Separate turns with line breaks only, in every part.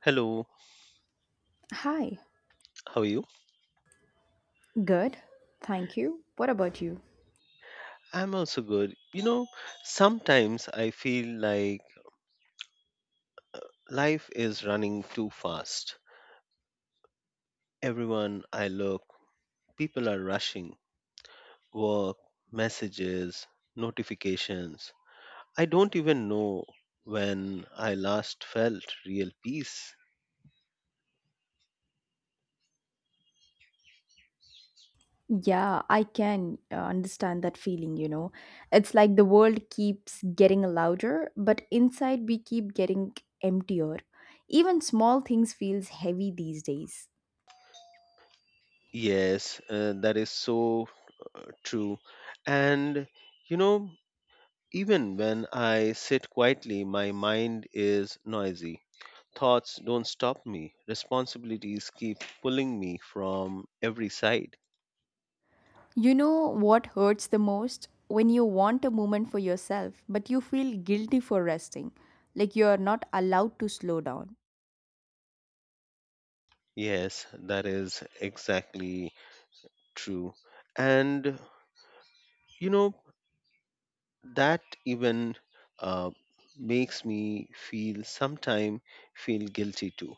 Hello,
Hi.
how are you?
Good. Thank you. What about you?
I'm also good. You know, sometimes I feel like life is running too fast. Everyone I look, people are rushing. Work, messages, notifications. I don't even know when I last felt real peace.
Yeah, I can understand that feeling, It's like the world keeps getting louder, but inside we keep getting emptier. Even small things feels heavy these days.
Yes, that is so true. And, you know, even when I sit quietly, my mind is noisy. Thoughts don't stop me, responsibilities keep pulling me from every side.
You know what hurts the most? When you want a moment for yourself, but you feel guilty for resting, like you are not allowed to slow down.
Yes, that is exactly true. And you know, that even uh, makes me feel sometime feel guilty too.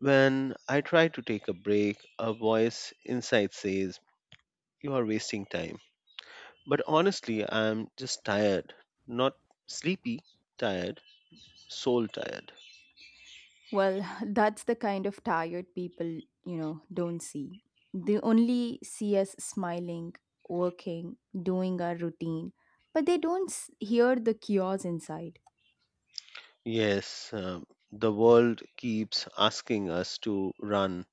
When I try to take a break, a voice inside says, "You are wasting time." But honestly, I'm just tired, not sleepy, tired, soul tired.
Well, that's the kind of tired people, don't see. They only see us smiling, working, doing our routine, but they don't s- hear the chaos inside.
Yes, the world keeps asking us to run,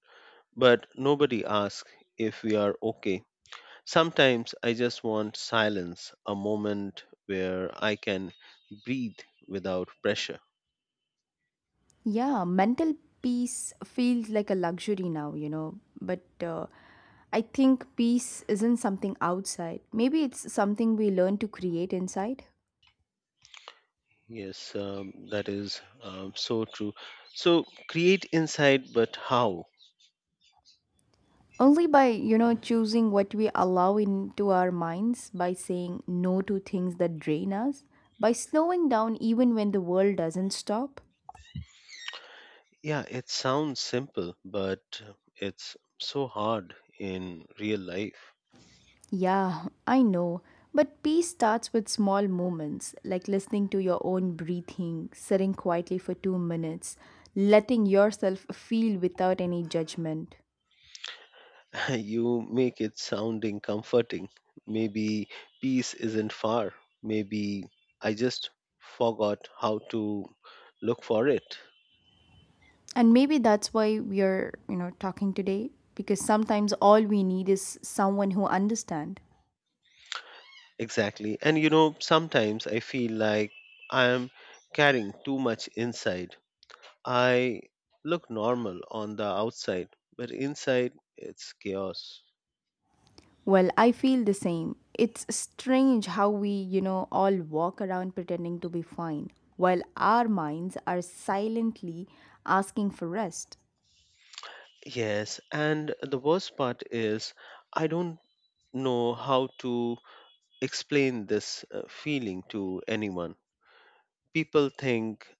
but nobody asks if we are okay. Sometimes I just want silence, a moment where I can breathe without pressure.
Yeah, mental peace feels like a luxury now, but I think peace isn't something outside. Maybe it's something we learn to create inside.
Yes, that is so true. So create insight, but how?
Only by, choosing what we allow into our minds, by saying no to things that drain us, by slowing down even when the world doesn't stop.
Yeah, it sounds simple, but it's so hard in real life.
Yeah, I know. But peace starts with small moments, like listening to your own breathing, sitting quietly for 2 minutes, letting yourself feel without any judgment.
You make it sounding comforting. Maybe peace isn't far. Maybe I just forgot how to look for it.
And maybe that's why we are, talking today, because sometimes all we need is someone who understands.
Exactly. And you know, sometimes I feel like I am carrying too much inside. I look normal on the outside, but inside it's chaos.
Well, I feel the same. It's strange how we, all walk around pretending to be fine while our minds are silently asking for rest.
Yes, and the worst part is I don't know how to explain this feeling to anyone. People think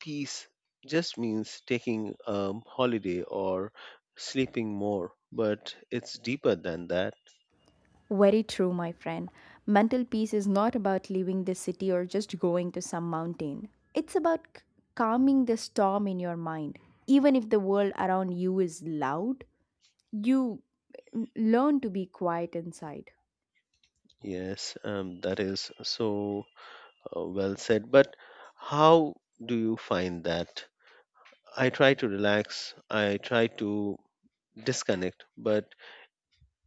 peace just means taking a holiday or sleeping more, but it's deeper than that.
Very true, my friend. Mental peace is not about leaving the city or just going to some mountain. It's about calming the storm in your mind. Even if the world around you is loud, you learn to be quiet inside.
Yes, that is so well said. But how do you find that? I try to relax, I try to disconnect, but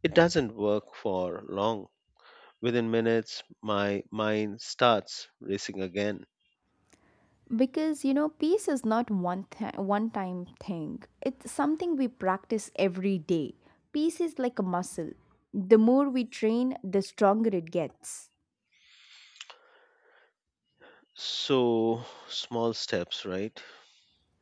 it doesn't work for long. Within minutes, my mind starts racing again.
Because peace is not one time thing. It's something we practice every day. Peace is like a muscle. The more we train, the stronger it gets.
So, small steps, right?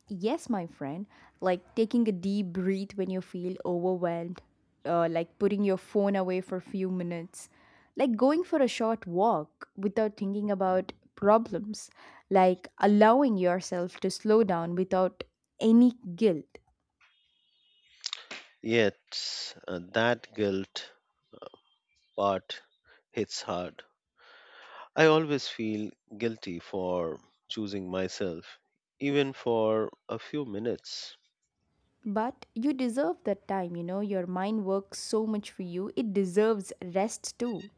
Yes, my friend. Like taking a deep breath when you feel overwhelmed, like putting your phone away for a few minutes, like going for a short walk without thinking about problems, like allowing yourself to slow down without any guilt.
Yet that guilt part hits hard. I always feel guilty for choosing myself, even for a few minutes.
But you deserve that time, you know. Your mind works so much for you, it deserves rest too.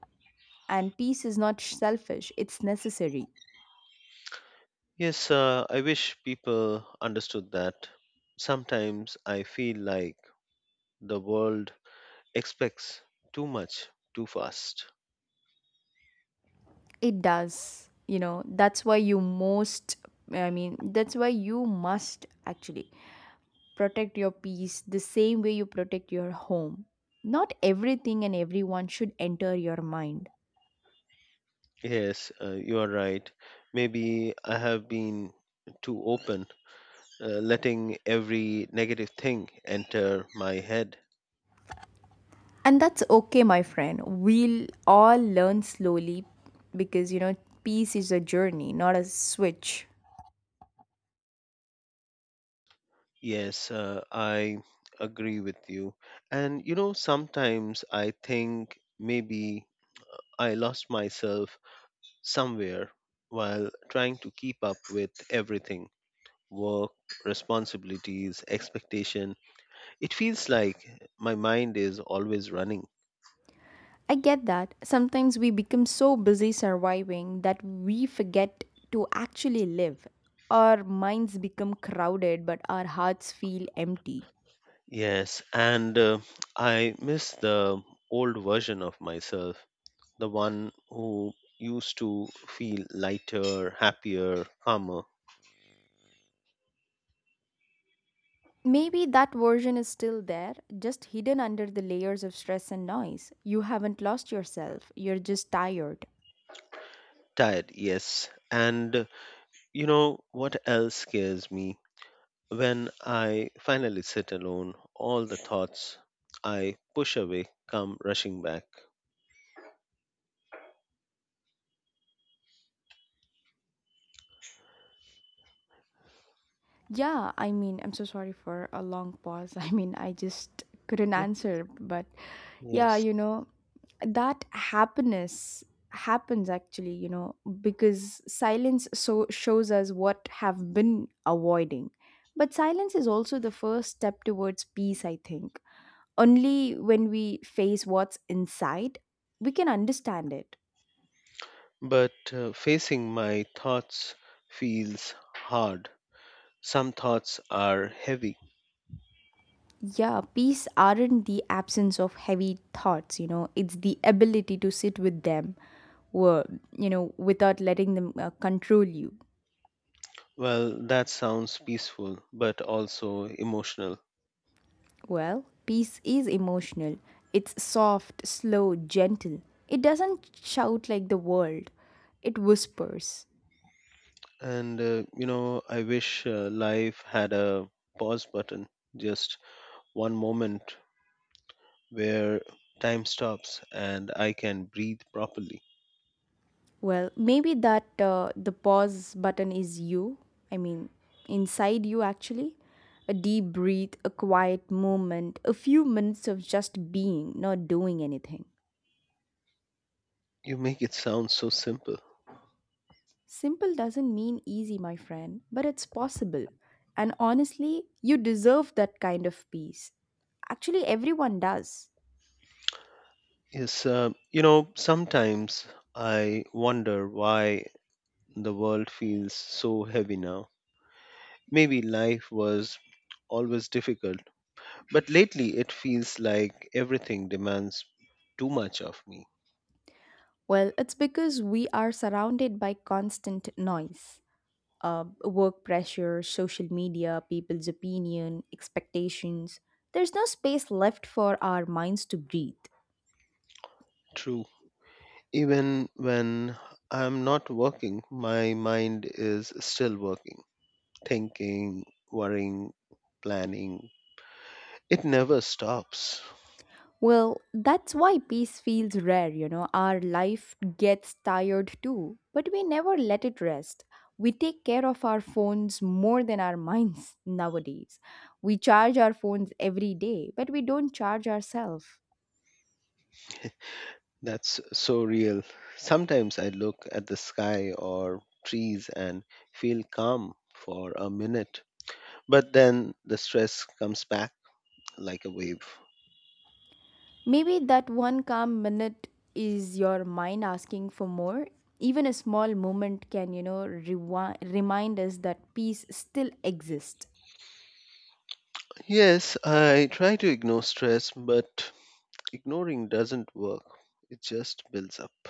And peace is not selfish, it's necessary.
Yes, I wish people understood that. Sometimes I feel like the world expects too much too fast.
It does, That's why you must actually protect your peace the same way you protect your home. Not everything and everyone should enter your mind.
Yes, you are right. Maybe I have been too open, letting every negative thing enter my head.
And that's okay, my friend. We'll all learn slowly because, peace is a journey, not a switch.
Yes, I agree with you. And you know, sometimes I think maybe I lost myself somewhere while trying to keep up with everything: work, responsibilities, expectation. It feels like my mind is always running.
I get that. Sometimes we become so busy surviving that we forget to actually live. Our minds become crowded, but our hearts feel empty.
Yes, and I miss the old version of myself, the one who used to feel lighter, happier, calmer.
Maybe that version is still there, just hidden under the layers of stress and noise. You haven't lost yourself, you're just tired.
Tired, yes. And you know what else scares me? When I finally sit alone, all the thoughts I push away come rushing back.
Yeah, I mean, I'm so sorry for a long pause. I mean, I just couldn't
Ye-
answer, but yeah,
Yes.
that happiness happens actually, because silence so shows us what have been avoiding. But silence is also the first step towards peace, I think. Only when we face what's inside, we can understand it.
But facing my thoughts feels hard. Some thoughts are heavy.
Yeah, peace aren't the absence of heavy thoughts, it's the ability to sit with them, wo- you know, without letting them control you.
Well, that sounds peaceful, but also emotional.
Well, peace is emotional, it's soft, slow, gentle. It doesn't shout like the world, it whispers.
And you know, I wish life had a pause button, just one moment where time stops and I can breathe properly.
Well, maybe that the pause button is you. I mean, inside you actually. A deep breath, a quiet moment, a few minutes of just being, not doing anything.
You make it sound so simple.
Simple doesn't mean easy, my friend, but it's possible. And honestly, you deserve that kind of peace. Actually, everyone does.
Yes, you know, sometimes I wonder why the world feels so heavy now. Maybe life was always difficult, but lately it feels like everything demands too much of me.
Well, it's because we are surrounded by constant noise. Work pressure, social media, people's opinion, expectations. There's no space left for our minds to breathe.
True. Even when I'm not working, my mind is still working, thinking, worrying, planning. It never stops.
Well, that's why peace feels rare, Our life gets tired too, but we never let it rest. We take care of our phones more than our minds nowadays. We charge our phones every day, but we don't charge ourselves.
That's so real. Sometimes I look at the sky or trees and feel calm for a minute, but then the stress comes back like a wave.
Maybe that one calm minute is your mind asking for more. Even a small moment can, remind us that peace still exists.
Yes, I try to ignore stress, but ignoring doesn't work. It just builds up.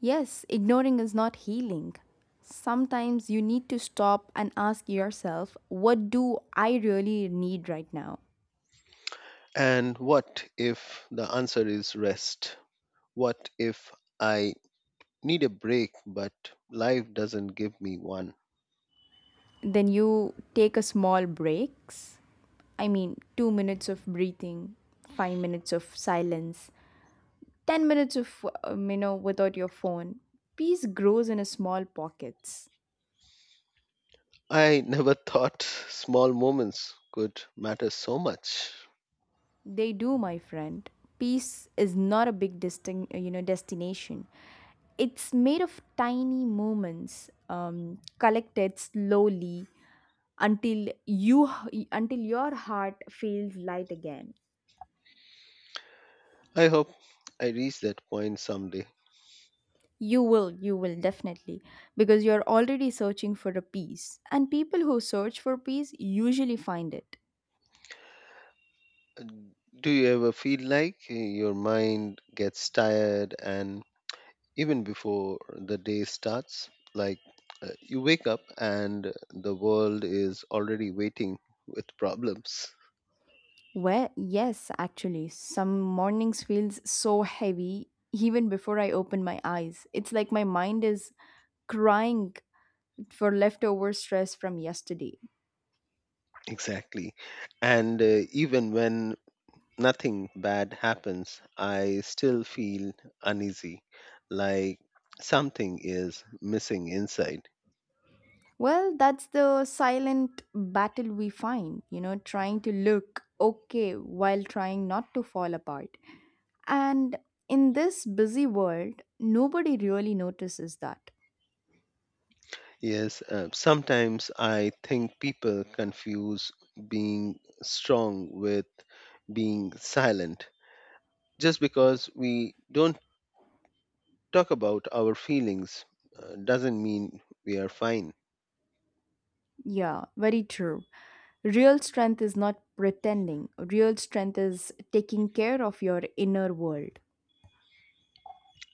Yes, ignoring is not healing. Sometimes you need to stop and ask yourself, what do I really need right now?
And what if the answer is rest? What if I need a break, but life doesn't give me one?
Then you take a small breaks. I mean, 2 minutes of breathing, 5 minutes of silence, 10 minutes of you know, without your phone. Peace grows in a small pockets.
I never thought small moments could matter so much.
They do, my friend. Peace is not a big you know, destination. It's made of tiny moments, collected slowly until you until your heart feels light again.
I hope I reach that point someday.
You will, you will definitely, because you're already searching for a peace, and people who search for peace usually find it.
Do you ever feel like your mind gets tired and even before the day starts? Like you wake up and the world is already waiting with problems.
Well, yes, actually, some mornings feels so heavy even before I open my eyes. It's like my mind is crying for leftover stress from yesterday.
Exactly. And even when nothing bad happens, I still feel uneasy, like something is missing inside.
Well, that's the silent battle we find, trying to look okay while trying not to fall apart. And in this busy world, nobody really notices that.
Yes, sometimes I think people confuse being strong with being silent. Just because we don't talk about our feelings doesn't mean we are fine.
Yeah, very true. Real strength is not pretending, real strength is taking care of your inner world.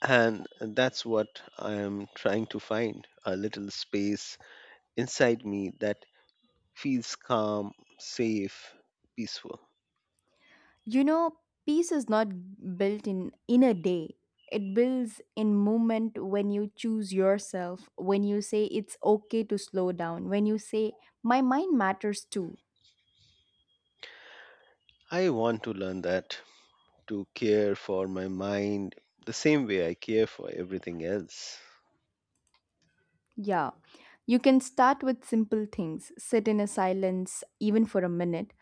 And that's what I am trying to find, a little space inside me that feels calm, safe, peaceful.
You know, peace is not built in a day. It builds in moment when you choose yourself, when you say it's okay to slow down, when you say, my mind matters too.
I want to learn that, to care for my mind the same way I care for everything else.
Yeah, you can start with simple things. Sit in a silence, even for a minute,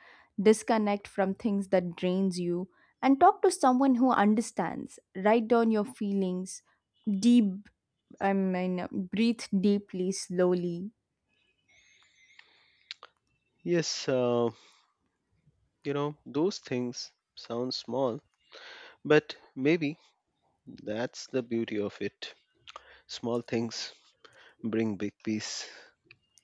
disconnect from things that drains you, and talk to someone who understands. Write down your feelings, deep, breathe deeply, slowly.
Yes, you know, those things sound small, but maybe that's the beauty of it. Small things bring big peace.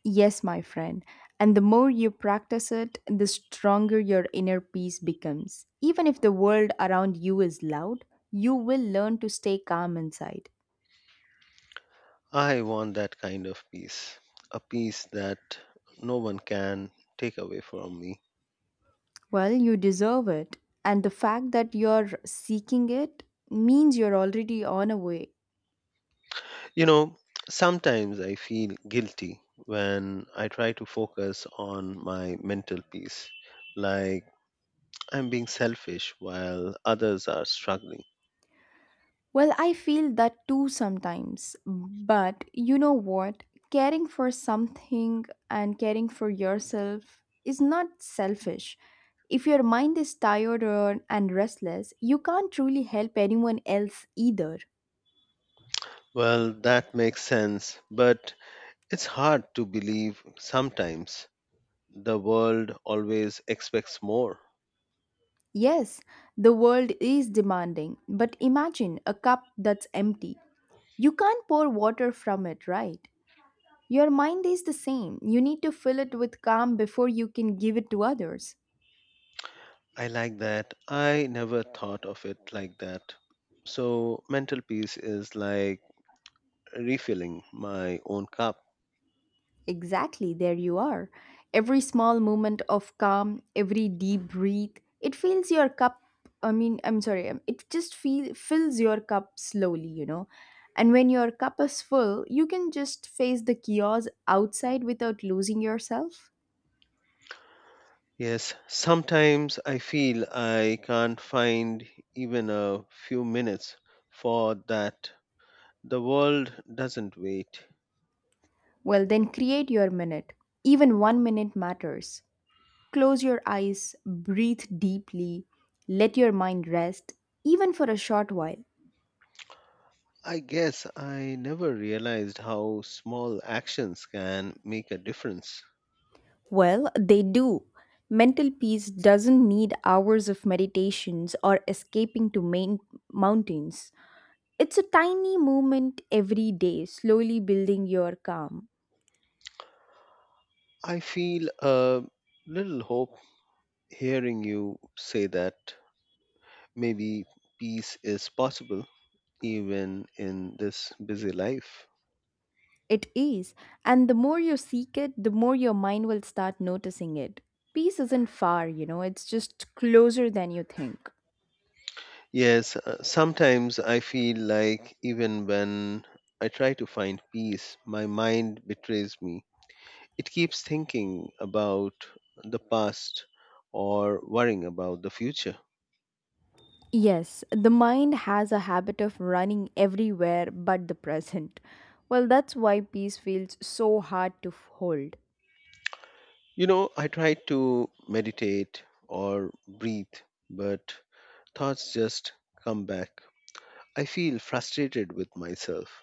Yes, my friend. And the more you practice it, the stronger your inner peace becomes. Even if the world around you is loud, you will learn to stay calm inside.
I want that kind of peace, a peace that no one can take away from me.
Well, you deserve it. And the fact that you're seeking it means you're already on a way.
You know, sometimes I feel guilty when I try to focus on my mental peace, like I'm being selfish while others are struggling.
Well, I feel that too sometimes. But you know what? Caring for something and caring for yourself is not selfish. If your mind is tired and restless, you can't truly help anyone else either.
Well, that makes sense, but it's hard to believe sometimes. The world always expects more.
Yes, the world is demanding, but imagine a cup that's empty. You can't pour water from it, right? Your mind is the same. You need to fill it with calm before you can give it to others.
I like that. I never thought of it like that. So, mental peace is like refilling my own cup.
Exactly, there you are. Every small moment of calm, every deep breath, it fills your cup. I mean, I'm sorry, fills your cup slowly, And when your cup is full, you can just face the chaos outside without losing yourself.
Yes, sometimes I feel I can't find even a few minutes for that. The world doesn't wait.
Well, then create your minute. Even one minute matters. Close your eyes, breathe deeply, let your mind rest, even for a short while.
I guess I never realized how small actions can make a difference.
Well, they do. Mental peace doesn't need hours of meditations or escaping to main mountains. It's a tiny movement every day, slowly building your calm.
I feel a little hope hearing you say that maybe peace is possible even in this busy life.
It is, and the more you seek it, the more your mind will start noticing it. Peace isn't far, it's just closer than you think.
Yes, sometimes I feel like even when I try to find peace, my mind betrays me. It keeps thinking about the past or worrying about the future.
Yes, the mind has a habit of running everywhere but the present. Well, that's why peace feels so hard to hold.
You know, I try to meditate or breathe, but thoughts just come back. I feel frustrated with myself.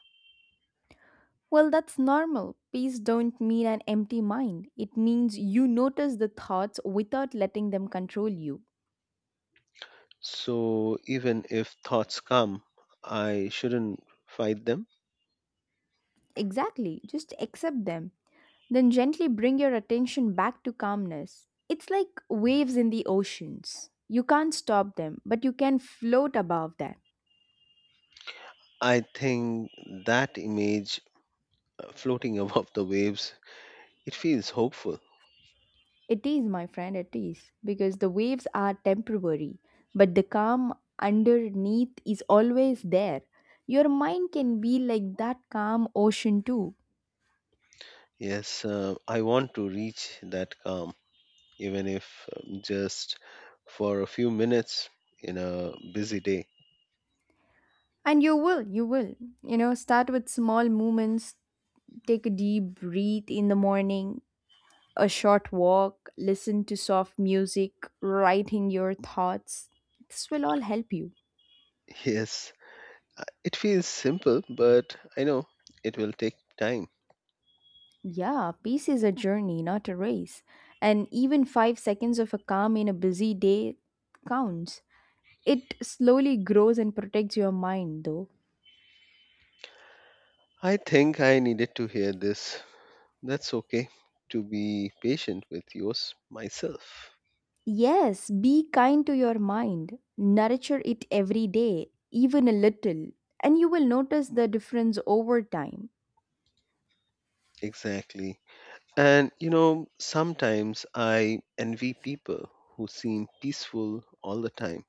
Well, that's normal. Peace don't mean an empty mind. It means you notice the thoughts without letting them control you.
So even if thoughts come, I shouldn't fight them.
Exactly, just accept them. Then gently bring your attention back to calmness. It's like waves in the oceans. You can't stop them, but you can float above them.
I think that image, floating above the waves. It feels hopeful.
It is, my friend, it is. Because the waves are temporary, but the calm underneath is always there. Your mind can be like that calm ocean too.
Yes, I want to reach that calm, even if just for a few minutes in a busy day.
And you will, you will. You know, start with small movements, take a deep breath in the morning, a short walk, listen to soft music, writing your thoughts. This will all help you.
Yes, it feels simple, but I know it will take time.
Yeah, peace is a journey, not a race. And even 5 seconds of a calm in a busy day counts. It slowly grows and protects your mind, though.
I think I needed to hear this. That's okay, to be patient with yours myself.
Yes, be kind to your mind. Nurture it every day, even a little, and you will notice the difference over time.
Exactly. And you know, sometimes I envy people who seem peaceful all the time.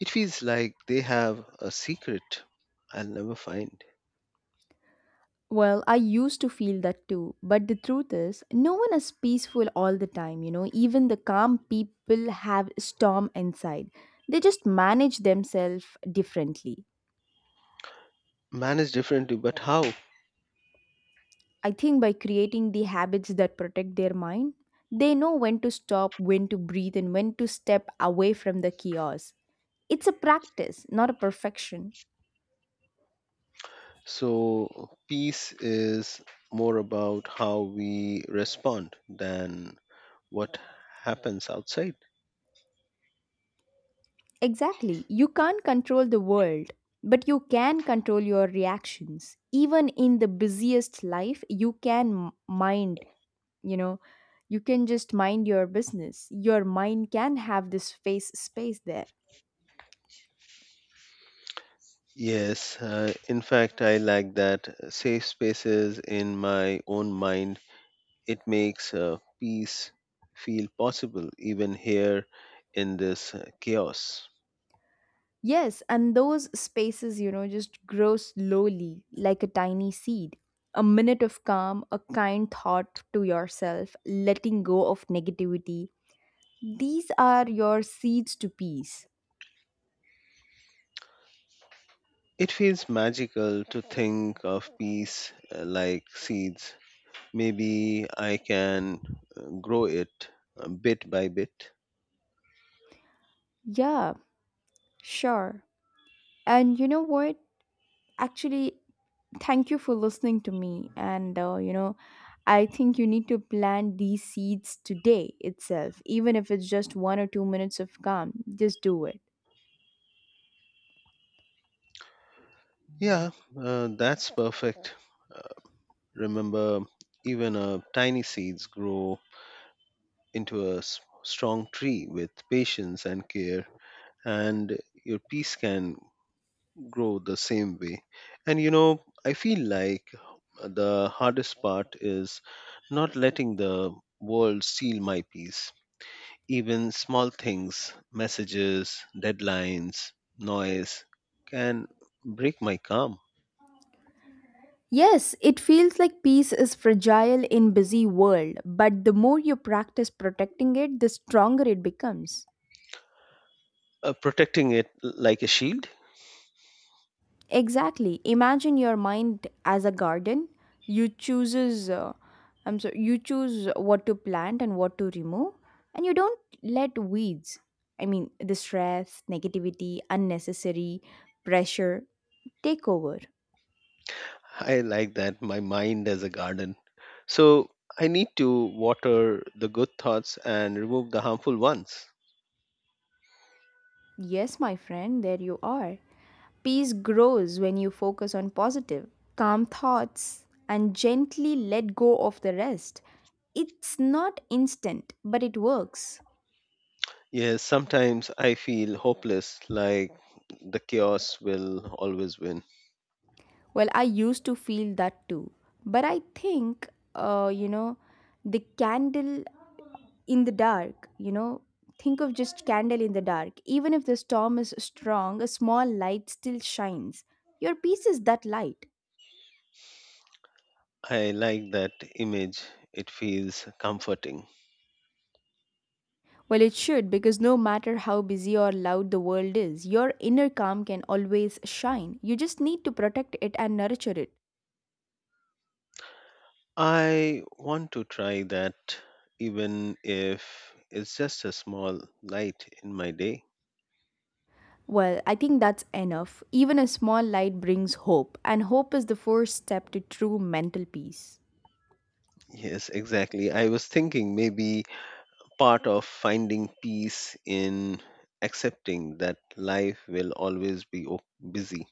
It feels like they have a secret I'll never find.
Well, I used to feel that too. But the truth is, no one is peaceful all the time, Even the calm people have storm inside. They just manage themselves differently.
Managed differently, but how?
I think by creating the habits that protect their mind, they know when to stop, when to breathe, and when to step away from the chaos. It's a practice, not a perfection.
So, peace is more about how we respond than what happens outside.
Exactly. You can't control the world, but you can control your reactions. Even in the busiest life, you can you know, you can just mind your business. Your mind can have this face space there.
Yes, in fact, I like that, safe spaces in my own mind. It makes peace feel possible even here in this chaos.
Yes, and those spaces, just grow slowly like a tiny seed. A minute of calm, a kind thought to yourself, letting go of negativity. These are your seeds to peace.
It feels magical to think of peace, like seeds. Maybe I can grow it bit by bit.
Yeah, sure. And you know what? Actually, thank you for listening to me. And, I think you need to plant these seeds today itself, even if it's just 1 or 2 minutes of calm. Just do it.
Yeah, that's perfect. Uh, Remember, even tiny seeds grow into a strong tree with patience and care, and your peace can grow the same way. And you know, I feel like the hardest part is not letting the world steal my peace. Even small things, messages, deadlines, noise, can break my calm.
Yes, it feels like peace is fragile in busy world, but the more you practice protecting it, the stronger it becomes.
Protecting it like a shield.
Exactly. Imagine your mind as a garden. You chooses uh, you choose what to plant and what to remove and you don't let weeds. I mean, the stress, negativity, unnecessary pressure take over.
I like that, my mind as a garden. So I need to water the good thoughts and remove the harmful ones.
Yes, my friend, there you are. Peace grows when you focus on positive, calm thoughts and gently let go of the rest. It's not instant, but it works.
Yes, sometimes I feel hopeless, like the chaos will always win.
Well, I used to feel that too. But I think, you know, the candle in the dark, you know, think of just candle in the dark. Even if the storm is strong, a small light still shines. Your peace is that light.
I like that image, it feels comforting.
Well, it should, because no matter how busy or loud the world is, your inner calm can always shine. You just need to protect it and nurture it.
I want to try that, even if it's just a small light in my day.
Well, I think that's enough. Even a small light brings hope, and hope is the first step to true mental peace.
Yes, exactly. I was thinking maybe part of finding peace in accepting that life will always be busy.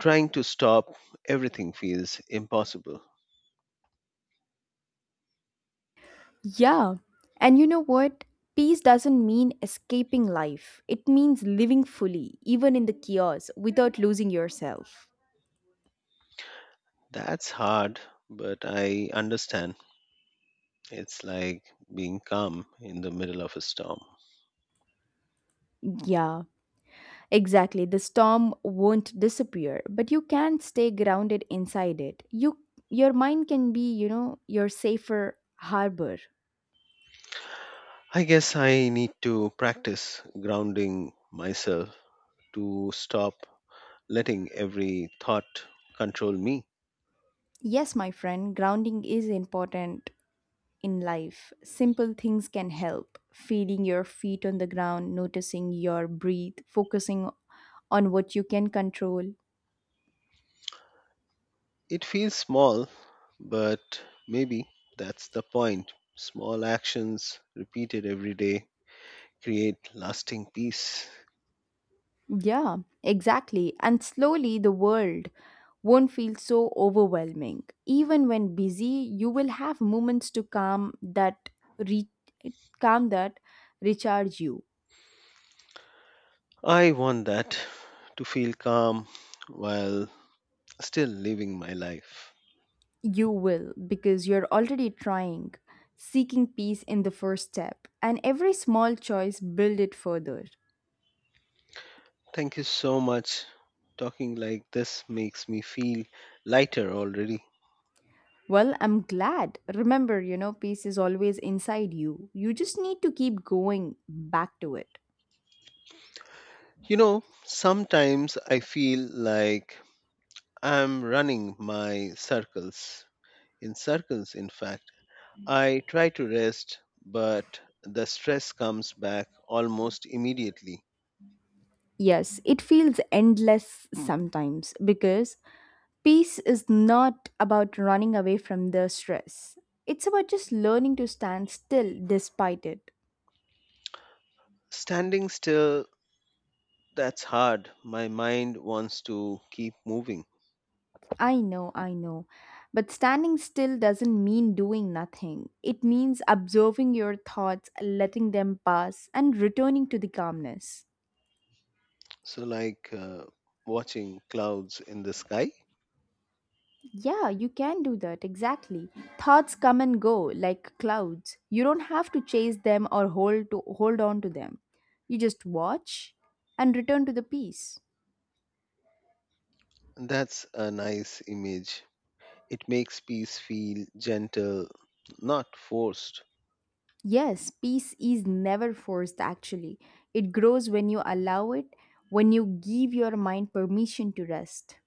Trying to stop everything feels impossible.
Yeah. And you know what? Peace doesn't mean escaping life. It means living fully, even in the chaos, without losing yourself.
That's hard, but I understand. It's like being calm in the middle of a storm.
Yeah, exactly. The storm won't disappear, but you can stay grounded inside it. Your mind can be, you know, your safer harbor.
I guess I need to practice grounding myself, to stop letting every thought control me.
Yes, my friend, grounding is important in life. Simple things can help. Feeling your feet on the ground, noticing your breath, focusing on what you can control.
It feels small, but maybe that's the point. Small actions repeated every day create lasting peace.
Yeah, exactly. And slowly the world won't feel so overwhelming. Even when busy, you will have moments to calm that re- calm that recharge you.
I want that, to feel calm while still living my life.
You will because you're already trying, seeking peace in the first step, and every small choice build it further.
Thank you so much. Talking like this makes me feel lighter already.
Well, I'm glad. Remember, you know, peace is always inside you. You just need to keep going back to it.
You know, sometimes I feel like I'm running my circles in circles, in fact. I try to rest, but the stress comes back almost immediately.
Yes, it feels endless sometimes because peace is not about running away from the stress. It's about just learning to stand still despite it.
Standing still, that's hard. My mind wants to keep moving.
I know, I know. But standing still doesn't mean doing nothing. It means observing your thoughts, letting them pass, and returning to the calmness.
So, like, watching clouds in the sky,
Yeah, you can do that, exactly. Thoughts come and go like clouds. You don't have to chase them or hold on to them. You just watch and return to the peace.
that's a nice image. It makes peace feel gentle, not forced.
Yes, peace is never forced actually. It grows when you allow it, when you give your mind permission to rest.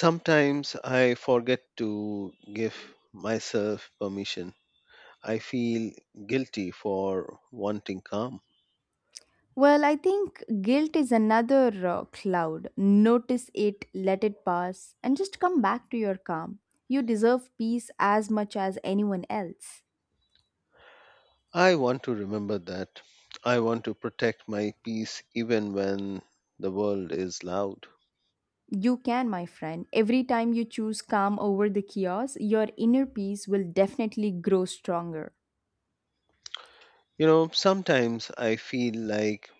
Sometimes I forget to give myself permission. I feel guilty for wanting calm.
Well, I think guilt is another cloud. Notice it, let it pass, and just come back to your calm. You deserve peace as much as anyone else.
I want to remember that. I want to protect my peace even when the world is loud.
You can, my friend. Every time you choose calm over the chaos, your inner peace will definitely grow stronger.
You know, sometimes I feel like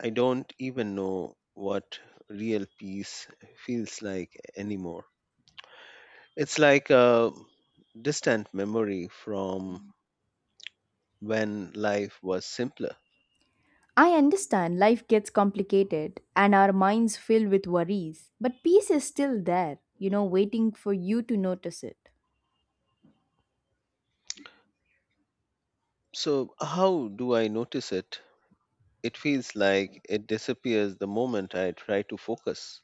I don't even know what real peace feels like anymore. It's like a distant memory from when life was simpler.
I understand life gets complicated and our minds filled with worries, but peace is still there, you know, waiting for you to notice it.
So, how do I notice it? It feels like it disappears the moment I try to focus.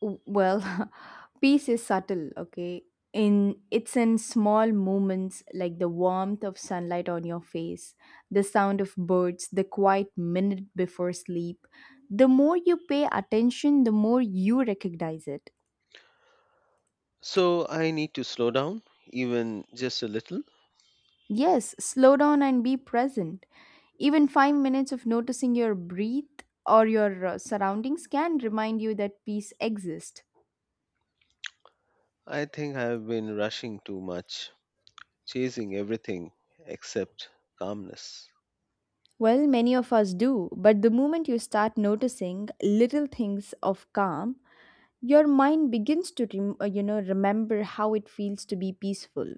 Well, peace is subtle, okay? In it's in small moments like the warmth of sunlight on your face, the sound of birds, the quiet minute before sleep. The more you pay attention, the more you recognize it.
So I need to slow down, even just a little.
Yes, slow down and be present. Even 5 minutes of noticing your breath or your surroundings can remind you that peace exists.
I think I have been rushing too much, chasing everything except calmness.
Well, many of us do, but the moment you start noticing little things of calm, your mind begins to remember how it feels to be peaceful.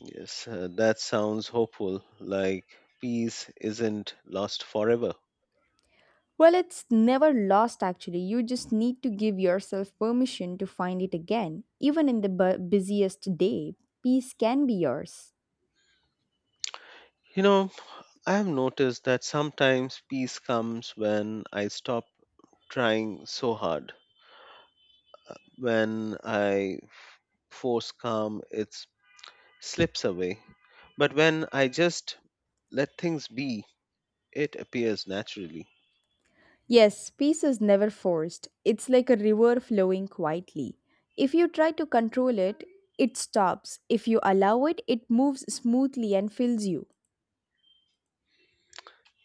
Yes, that sounds hopeful, like peace isn't lost forever.
Well, it's never lost actually. You just need to give yourself permission to find it again. Even in the busiest day, peace can be yours.
You know, I have noticed that sometimes peace comes when I stop trying so hard. When I force calm, it slips away. But when I just let things be, it appears naturally.
Yes, peace is never forced. It's like a river flowing quietly. If you try to control it, it stops. If you allow it, it moves smoothly and fills you.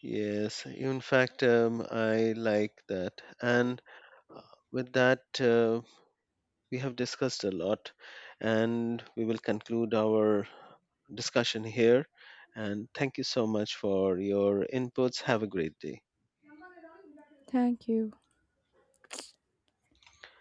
Yes, in fact, I like that. And with that, we have discussed a lot, and we will conclude our discussion here. And thank you so much for your inputs. Have a great day.
Thank you.